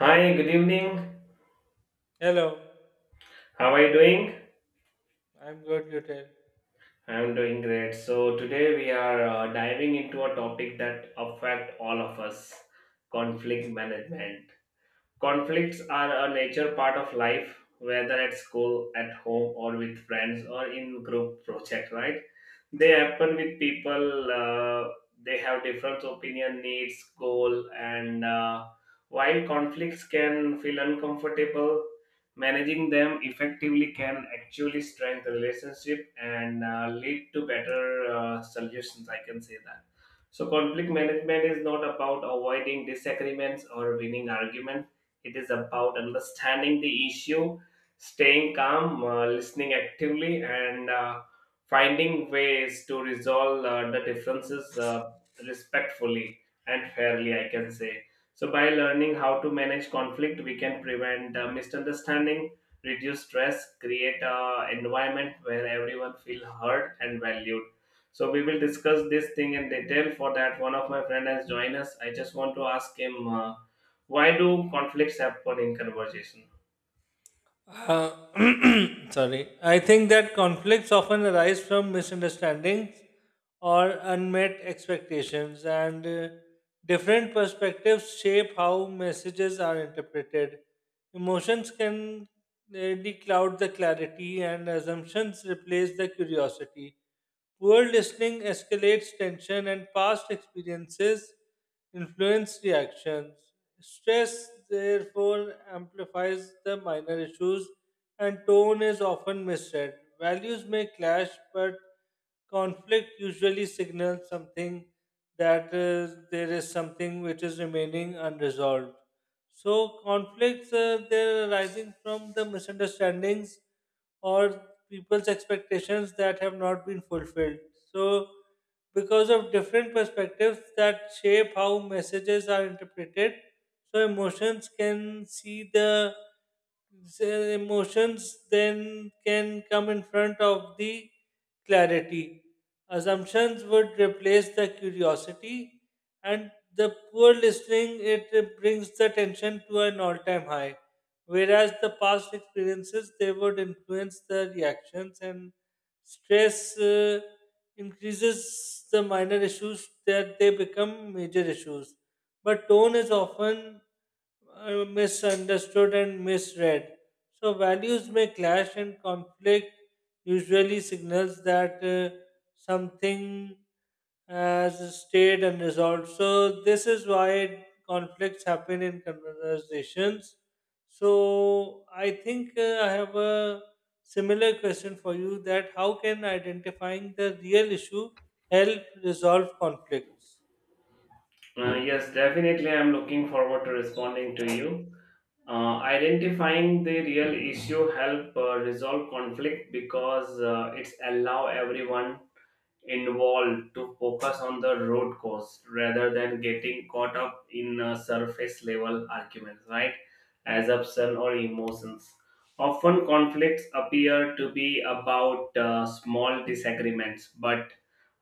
Hi, good evening. Hello, How are you doing? I'm good, you tell. I'm doing great. So today we are diving into a topic that affect all of us, conflict management. Conflicts are a nature part of life, whether at school, at home, or with friends, or in group project. Right? They happen with people. They have different opinion, needs, goal, and while conflicts can feel uncomfortable, managing them effectively can actually strengthen relationship and lead to better solutions. I can say that. So conflict management is not about avoiding disagreements or winning arguments, it is about understanding the issue, staying calm, listening actively, and finding ways to resolve the differences respectfully and fairly, I can say. So, by learning how to manage conflict, we can prevent misunderstanding, reduce stress, create an environment where everyone feel heard and valued. So we will discuss this thing in detail. For that, one of my friend has joined us. I just want to ask him. Why do conflicts happen in conversation? Sorry. I think that conflicts often arise from misunderstandings or unmet expectations, and different perspectives shape how messages are interpreted. Emotions can really cloud the clarity, and assumptions replace the curiosity. Poor listening escalates tension, and past experiences influence reactions. Stress, therefore, amplifies the minor issues, and tone is often misread. Values may clash, but conflict usually signals something that there is something which is remaining unresolved. So, conflicts they're arising from the misunderstandings or people's expectations that have not been fulfilled. So, because of different perspectives that shape how messages are interpreted, so emotions can see the so emotions then can come in front of the clarity. Assumptions would replace the curiosity, and the poor listening it brings the tension to an all time high, whereas the past experiences they would influence the reactions. And stress increases the minor issues that they become major issues, but tone is often misunderstood and misread. So values may clash and conflict usually signals that something has stayed unresolved. So this is why conflicts happen in conversations. So I think I have a similar question for you: that how can identifying the real issue help resolve conflicts? Yes, definitely. I'm looking forward to responding to you. Identifying the real issue help resolve conflict because it's allow everyone involved to focus on the root cause rather than getting caught up in surface level arguments, right? Assumption or emotions. Often conflicts appear to be about small disagreements, but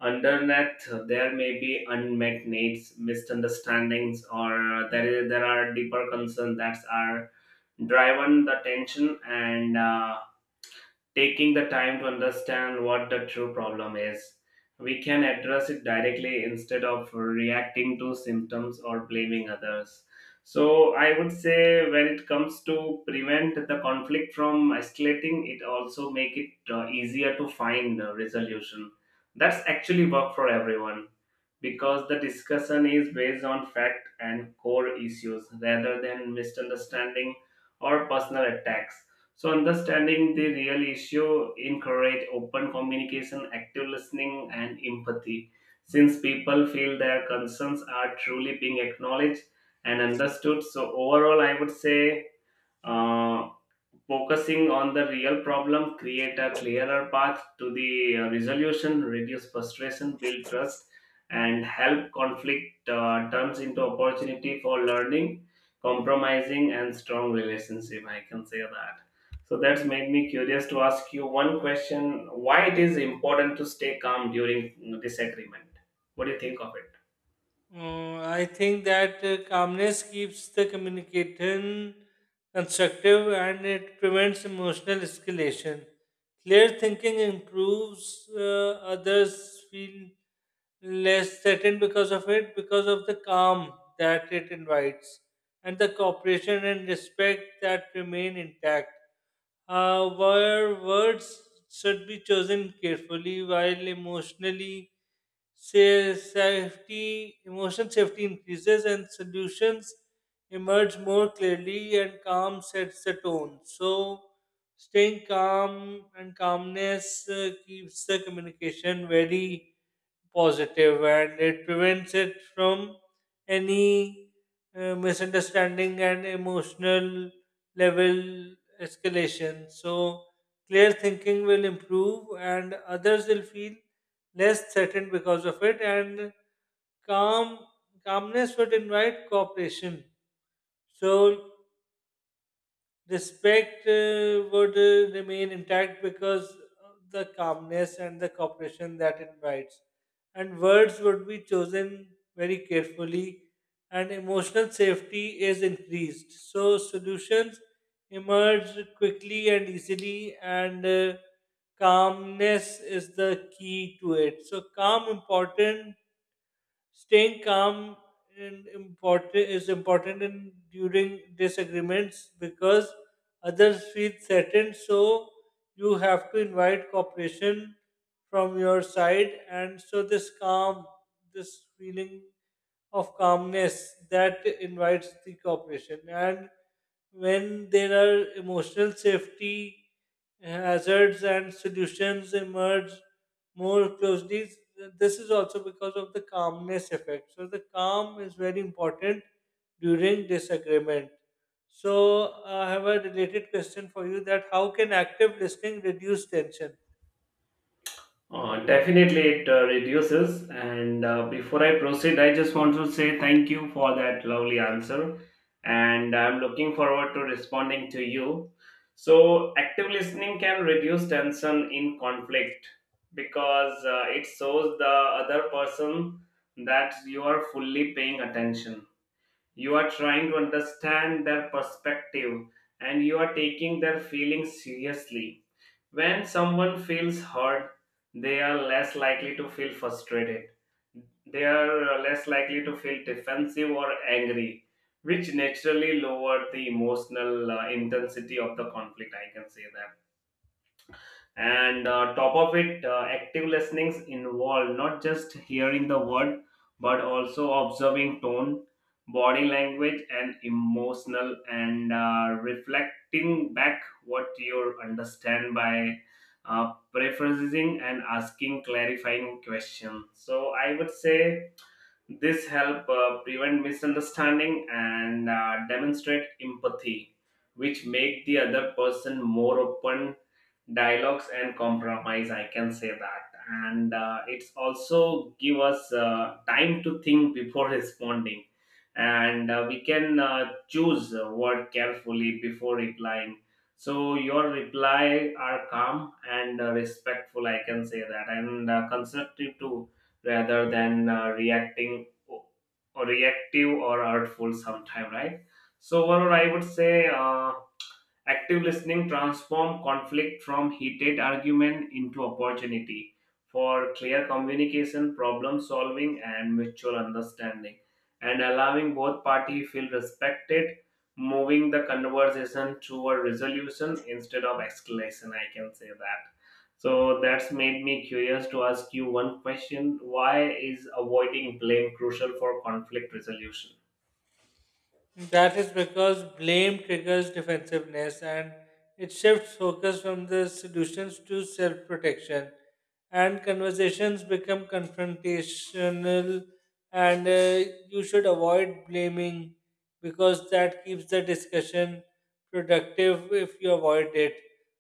underneath there may be unmet needs, misunderstandings, or there are deeper concerns that are driven the tension, and taking the time to understand what the true problem is. We can address it directly instead of reacting to symptoms or blaming others. So, I would say when it comes to prevent the conflict from escalating, it also make it easier to find a resolution. That's actually work for everyone because the discussion is based on fact and core issues rather than misunderstanding or personal attacks. So understanding the real issue encourage open communication, active listening, and empathy. Since people feel their concerns are truly being acknowledged and understood, so overall, I would say uh, focusing on the real problem, create a clearer path to the resolution, reduce frustration, build trust, and help conflict turns into opportunity for learning, compromising, and strong relationship. I can say that. So that's made me curious to ask you one question: why it is important to stay calm during disagreement? What do you think of it? I think that calmness keeps the communication constructive and it prevents emotional escalation. Clear thinking improves, others feel less threatened because of it, because of the calm that it invites, and the cooperation and respect that remain intact. However, words should be chosen carefully while emotionally. Say safety, emotional safety increases and solutions emerge more clearly, and calm sets the tone. So staying calm and calmness keeps the communication very positive, and it prevents it from any misunderstanding and emotional level escalation. So, clear thinking will improve and others will feel less threatened because of it, and calm calmness would invite cooperation. So, respect would remain intact because of the calmness and the cooperation that invites. And words would be chosen very carefully, and emotional safety is increased. So, solutions emerge quickly and easily, and calmness is the key to it. So, calm important staying calm and important is important in during disagreements because others feel threatened. So you have to invite cooperation from your side, and so this calm, this feeling of calmness that invites the cooperation, and when there are emotional safety hazards and solutions emerge more closely. This is also because of the calmness effect. So the calm is very important during disagreement. So I have a related question for you: that how can active listening reduce tension? Definitely it reduces. And before I proceed, I just want to say thank you for that lovely answer. And I'm looking forward to responding to you. So, active listening can reduce tension in conflict because it shows the other person that you are fully paying attention. You are trying to understand their perspective and you are taking their feelings seriously. When someone feels heard, they are less likely to feel frustrated. They are less likely to feel defensive or angry, which naturally lower the emotional intensity of the conflict. I can say that, and top of it, active listenings involve not just hearing the word but also observing tone, body language and emotional, and reflecting back what you understand by paraphrasing and asking clarifying questions. So I would say this help prevent misunderstanding and demonstrate empathy, which make the other person more open dialogues and compromise. I can say that, and it's also give us time to think before responding, and we can choose a word carefully before replying. So your reply are calm and respectful. I can say that, and constructive too rather than reacting o- reactive or artful sometime, right? So overall I would say active listening transforms conflict from heated argument into opportunity for clear communication, problem solving, and mutual understanding, and allowing both parties feel respected, moving the conversation to a resolution instead of escalation. I can say that. So that's made me curious to ask you one question: why is avoiding blame crucial for conflict resolution? That is because blame triggers defensiveness and it shifts focus from the solutions to self protection. And conversations become confrontational, and you should avoid blaming because that keeps the discussion productive if you avoid it.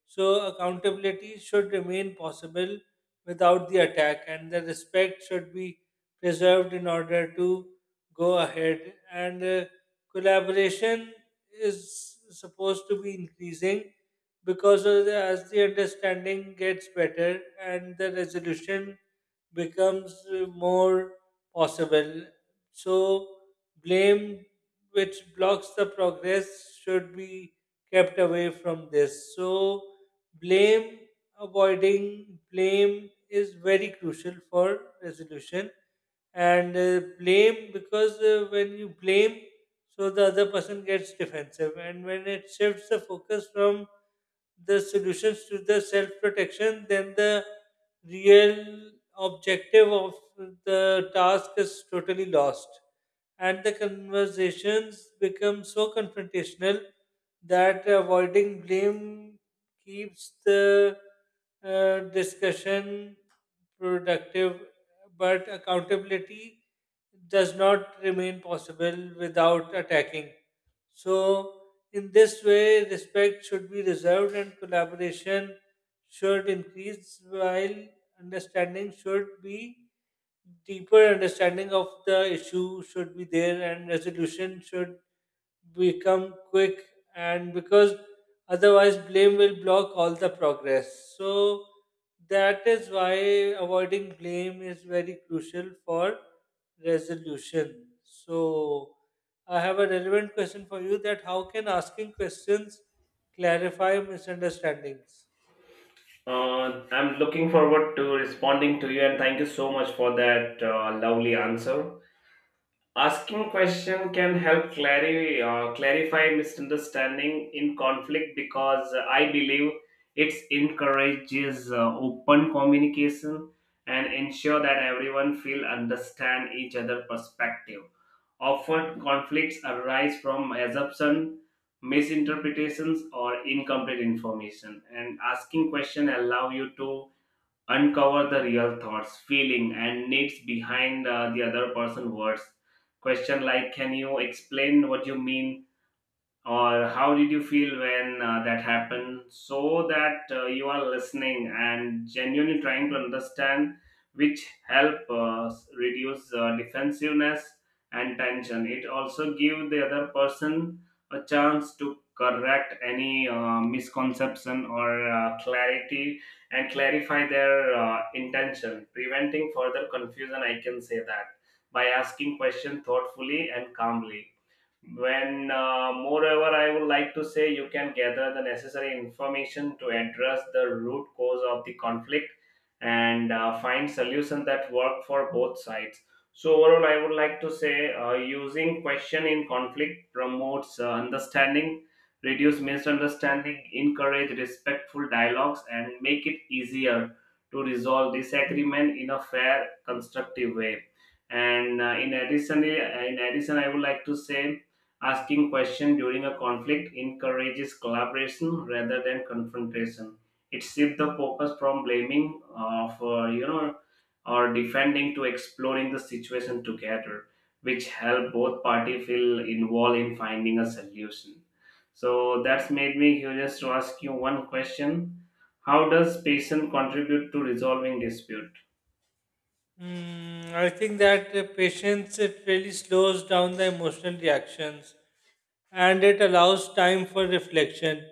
So, accountability should remain possible without the attack, and the respect should be preserved in order to go ahead. And collaboration is supposed to be increasing because of as the understanding gets better and the resolution becomes more possible. So, blame which blocks the progress should be kept away from this. So, blame avoiding blame is very crucial for resolution. And blame because when you blame, so the other person gets defensive, and when it shifts the focus from the solutions to the self protection, then the real objective of the task is totally lost. And the conversations become so confrontational that avoiding blame keeps the discussion productive, but accountability does not remain possible without attacking. So, in this way, respect should be reserved and collaboration should increase, while understanding should be deeper understanding of the issue should be there, and resolution should become quick. And because otherwise blame will block all the progress, so that is why avoiding blame is very crucial for resolution. So I have a relevant question for you: that how can asking questions clarify misunderstandings? I'm looking forward to responding to you, and thank you so much for that lovely answer. Asking question can help clarify clarify misunderstanding in conflict because I believe it encourages open communication and ensure that everyone feel understand each other perspective. Often conflicts arise from assumption, misinterpretations or incomplete information, and asking question allow you to uncover the real thoughts, feeling, and needs behind the other person's words. Question like, can you explain what you mean? Or how did you feel when that happened, so that you are listening and genuinely trying to understand, which help reduce defensiveness and tension. It also give the other person a chance to correct any misconception or clarity and clarify their intention, preventing further confusion. I can say that. By asking question thoughtfully and calmly, when moreover I would like to say, you can gather the necessary information to address the root cause of the conflict and find solution that work for both sides. So overall I would like to say using question in conflict promotes understanding, reduce misunderstanding, encourage respectful dialogues, and make it easier to resolve disagreement in a fair constructive way. And in addition, I would like to say asking questions during a conflict encourages collaboration rather than confrontation. It shifts the focus from blaming of or defending to exploring the situation together, which help both parties feel involved in finding a solution. So that's made me curious to ask you one question. How does patient contribute to resolving dispute? Mm, I think that patience it really slows down the emotional reactions and it allows time for reflection.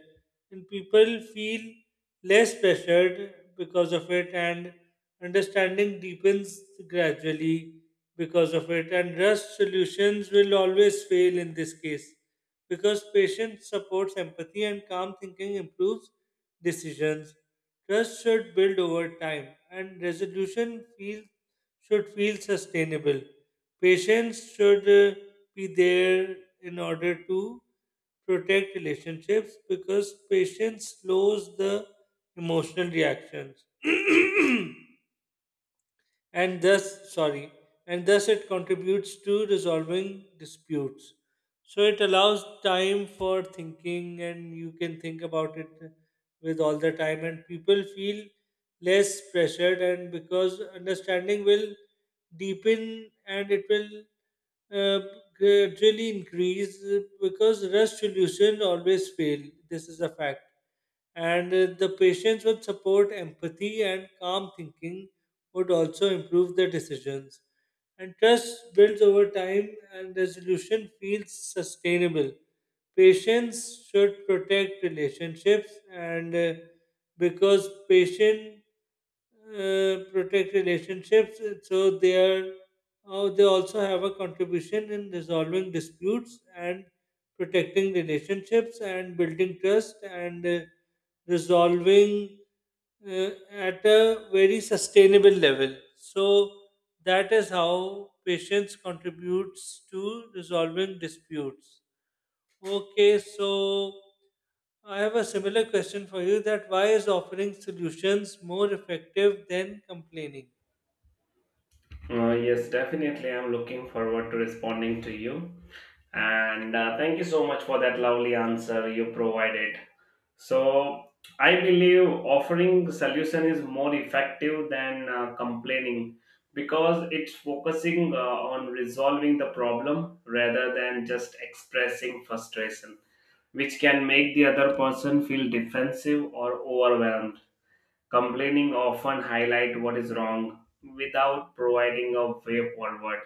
And people feel less pressured because of it, and understanding deepens gradually because of it. And rush solutions will always fail in this case because patience supports empathy, and calm thinking improves decisions. Trust should build over time, and should feel sustainable. Patience should be there in order to protect relationships because patience slows the emotional reactions. and thus sorry and thus it contributes to resolving disputes. So it allows time for thinking, and you can think about it with all the time, and people feel less pressured. And because understanding will deepen and it will uh, gradually increase, because rust solution always fail. This is a fact. And the patients with support, empathy, and calm thinking would also improve the decisions, and trust builds over time and resolution feels sustainable. Patience should protect relationships, and because patient protect relationships, so they are, oh, they also have a contribution in resolving disputes and protecting relationships and building trust and resolving at a very sustainable level. So that is how patience contributes to resolving disputes. Okay, so I have a similar question for you: that why is offering solutions more effective than complaining? Yes, definitely. I'm looking forward to responding to you. And thank you so much for that lovely answer you provided. So, I believe offering solution is more effective than complaining because it's focusing on resolving the problem rather than just expressing frustration, which can make the other person feel defensive or overwhelmed. Complaining often highlight what is wrong without providing a way forward,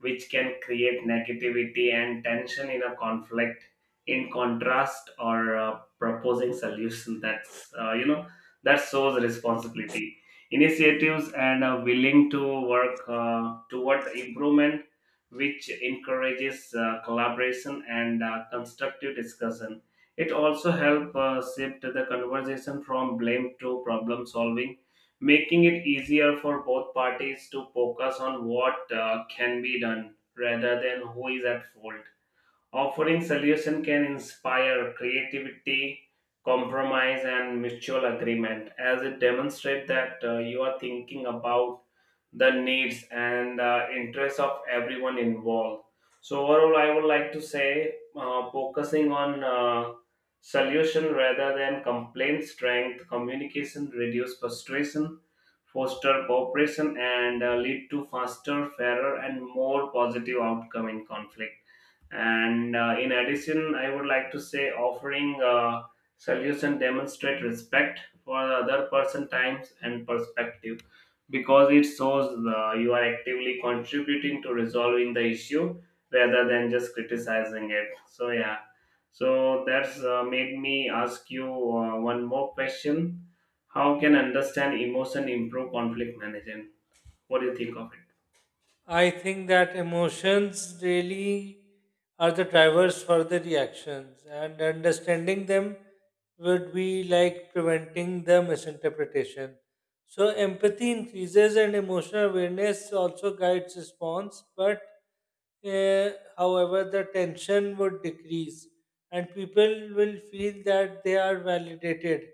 which can create negativity and tension in a conflict. In contrast, or proposing solution that's that shows responsibility, initiatives, and willing to work toward improvement, which encourages collaboration and constructive discussion. It also helps shift the conversation from blame to problem solving, making it easier for both parties to focus on what can be done rather than who is at fault. Offering solution can inspire creativity, compromise, and mutual agreement, as it demonstrates that you are thinking about the needs and interests of everyone involved. So overall, I would like to say focusing on solution rather than complaint strength, communication reduce frustration, foster cooperation, and lead to faster, fairer, and more positive outcome in conflict. And in addition, I would like to say offering solution demonstrate respect for the other person times and perspective because it shows you are actively contributing to resolving the issue rather than just criticizing it. So yeah, so that's made me ask you one more question. How can understand emotion improve conflict management? What do you think of it? I think that emotions really are the drivers for the reactions, and understanding them would be like preventing the misinterpretation. So, empathy increases and emotional awareness also guides response, but uh, however, the tension would decrease, and people will feel that they are validated.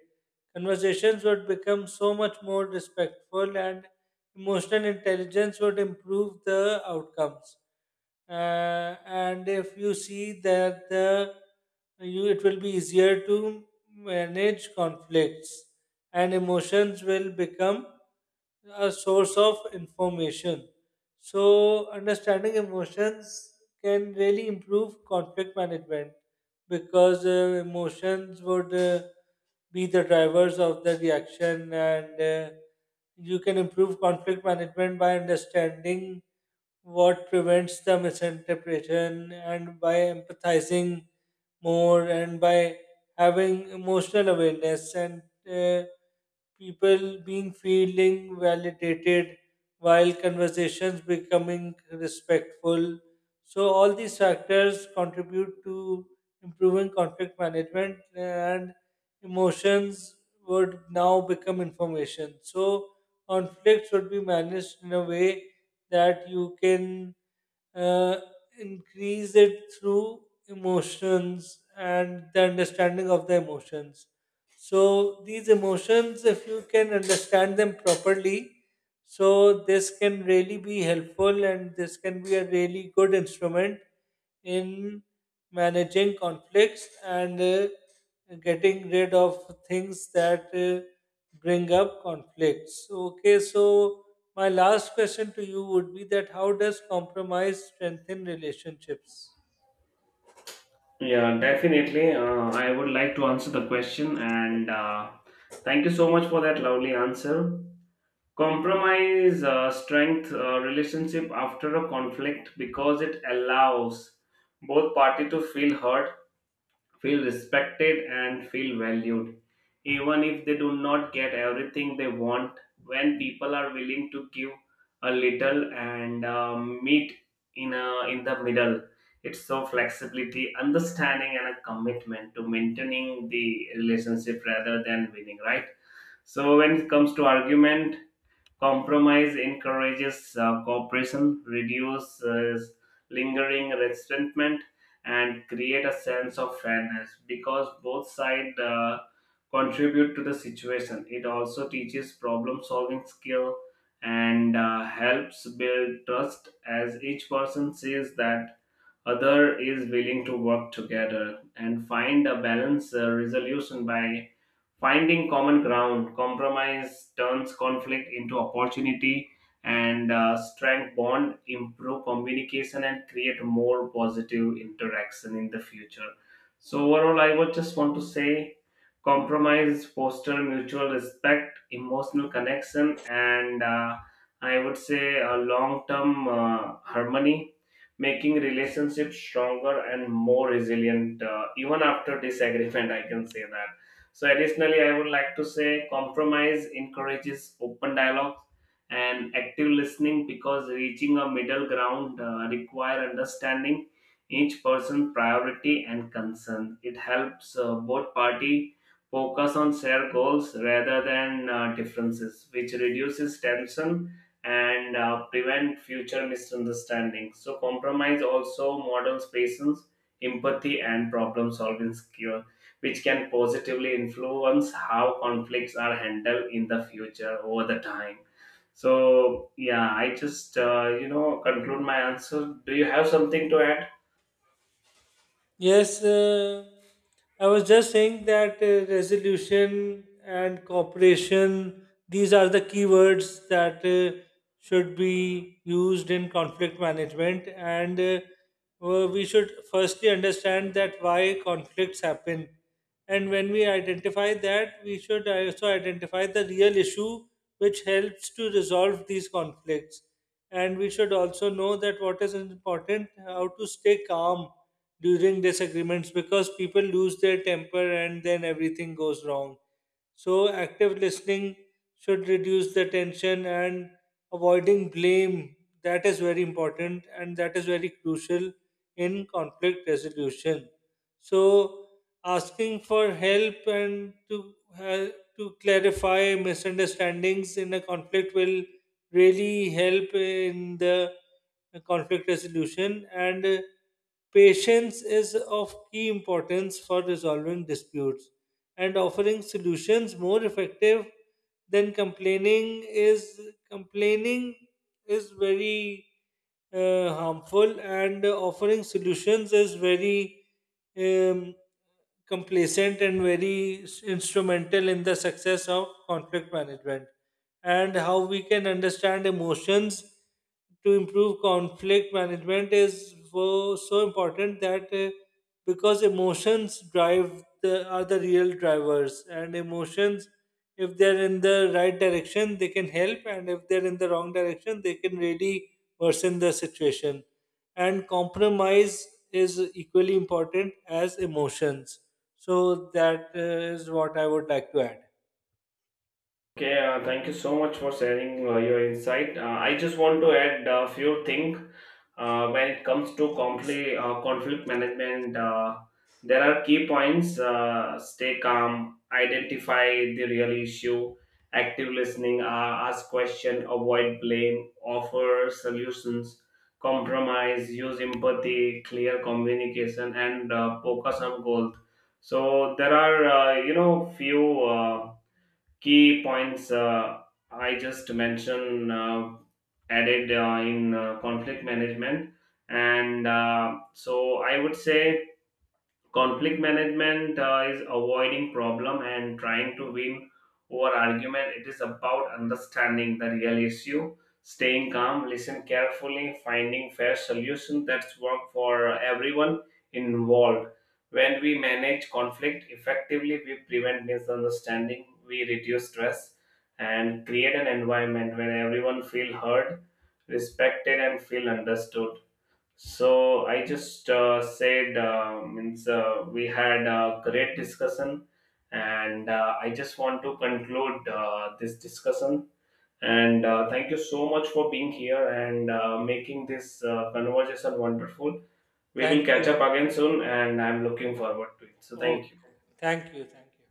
Conversations would become so much more respectful, and emotional intelligence would improve the outcomes. And if you see that the you it will be easier to manage conflicts, and emotions will become a source of information. So, understanding emotions can really improve conflict management because emotions would be the drivers of the reaction. And uh, you can improve conflict management by understanding what prevents the misinterpretation, and by empathizing more, and by having emotional awareness, and uh, people being feeling validated, while conversations becoming respectful. So all these factors contribute to improving conflict management, and emotions would now become information. So conflict should be managed in a way that you can uh, increase it through emotions and the understanding of the emotions. So, these emotions, if you can understand them properly, so this can really be helpful, and this can be a really good instrument in managing conflicts, and getting rid of things that bring up conflicts. Okay, so my last question to you would be: that how does compromise strengthen relationships? Yeah, definitely. I would like to answer the question, and thank you so much for that lovely answer. Compromise strength relationship after a conflict because it allows both party to feel heard, feel respected, and feel valued even if they do not get everything they want. When people are willing to give a little and meet in the middle, it's so flexibility understanding and a commitment to maintaining the relationship rather than winning, right? So when it comes to argument, compromise encourages cooperation, reduces lingering resentment, and create a sense of fairness because both sides contribute to the situation. It also teaches problem-solving skill and helps build trust as each person sees that other is willing to work together and find a balanced resolution. By finding common ground, compromise turns conflict into opportunity and strength bond, improve communication and create more positive interaction in the future. So overall, I would just want to say compromise foster mutual respect, emotional connection, and I would say a long-term harmony, making relationships stronger and more resilient even after disagreement. I can say that. So, additionally, I would like to say compromise encourages open dialogue and active listening because reaching a middle ground require understanding each person's priority and concern. It helps both party focus on shared goals rather than differences, which reduces tension and prevent future misunderstandings. So, compromise also models patience, empathy, and problem solving skills which can positively influence how conflicts are handled in the future over the time. So yeah, I just conclude my answer. Do you have something to add? Yes, I was just saying that resolution and cooperation, these are the keywords that should be used in conflict management. And we should firstly understand that why conflicts happen. And when we identify that, we should also identify the real issue which helps to resolve these conflicts. And we should also know that what is important, how to stay calm during disagreements, because people lose their temper and then everything goes wrong. So, active listening should reduce the tension, and avoiding blame, that is very important and that is very crucial in conflict resolution. So asking for help and to hel- to clarify misunderstandings in a conflict will really help in the conflict resolution. And patience is of key importance for resolving disputes. And offering solutions more effective than complaining is, complaining is very harmful, and offering solutions is very um, complacent and very instrumental in the success of conflict management. And how we can understand emotions to improve conflict management is so, so important that because emotions drive the are the real drivers. And emotions, if they're in the right direction they can help, and if they're in the wrong direction they can really worsen the situation. And compromise is equally important as emotions. So that is what I would like to add. Okay, thank you so much for sharing your insight. I just want to add a few things. When it comes to conflict, conflict management, there are key points: stay calm, identify the real issue, active listening, ask question, avoid blame, offer solutions, compromise, use empathy, clear communication, and focus on goals. So there are, few. Key points I just mentioned added in conflict management. And so I would say conflict management is avoiding problem and trying to win over argument. It is about understanding the real issue, staying calm, listen carefully, finding fair solution that's work for everyone involved. When we manage conflict effectively, we prevent misunderstanding, we reduce stress, and create an environment where everyone feel heard, respected, and feel understood. So I just said means we had a great discussion, and I just want to conclude this discussion. And thank you so much for being here and making this conversation wonderful. We Thank will catch you. up again soon, and I'm looking forward to it. So thank you. Okay, thank you, thank you.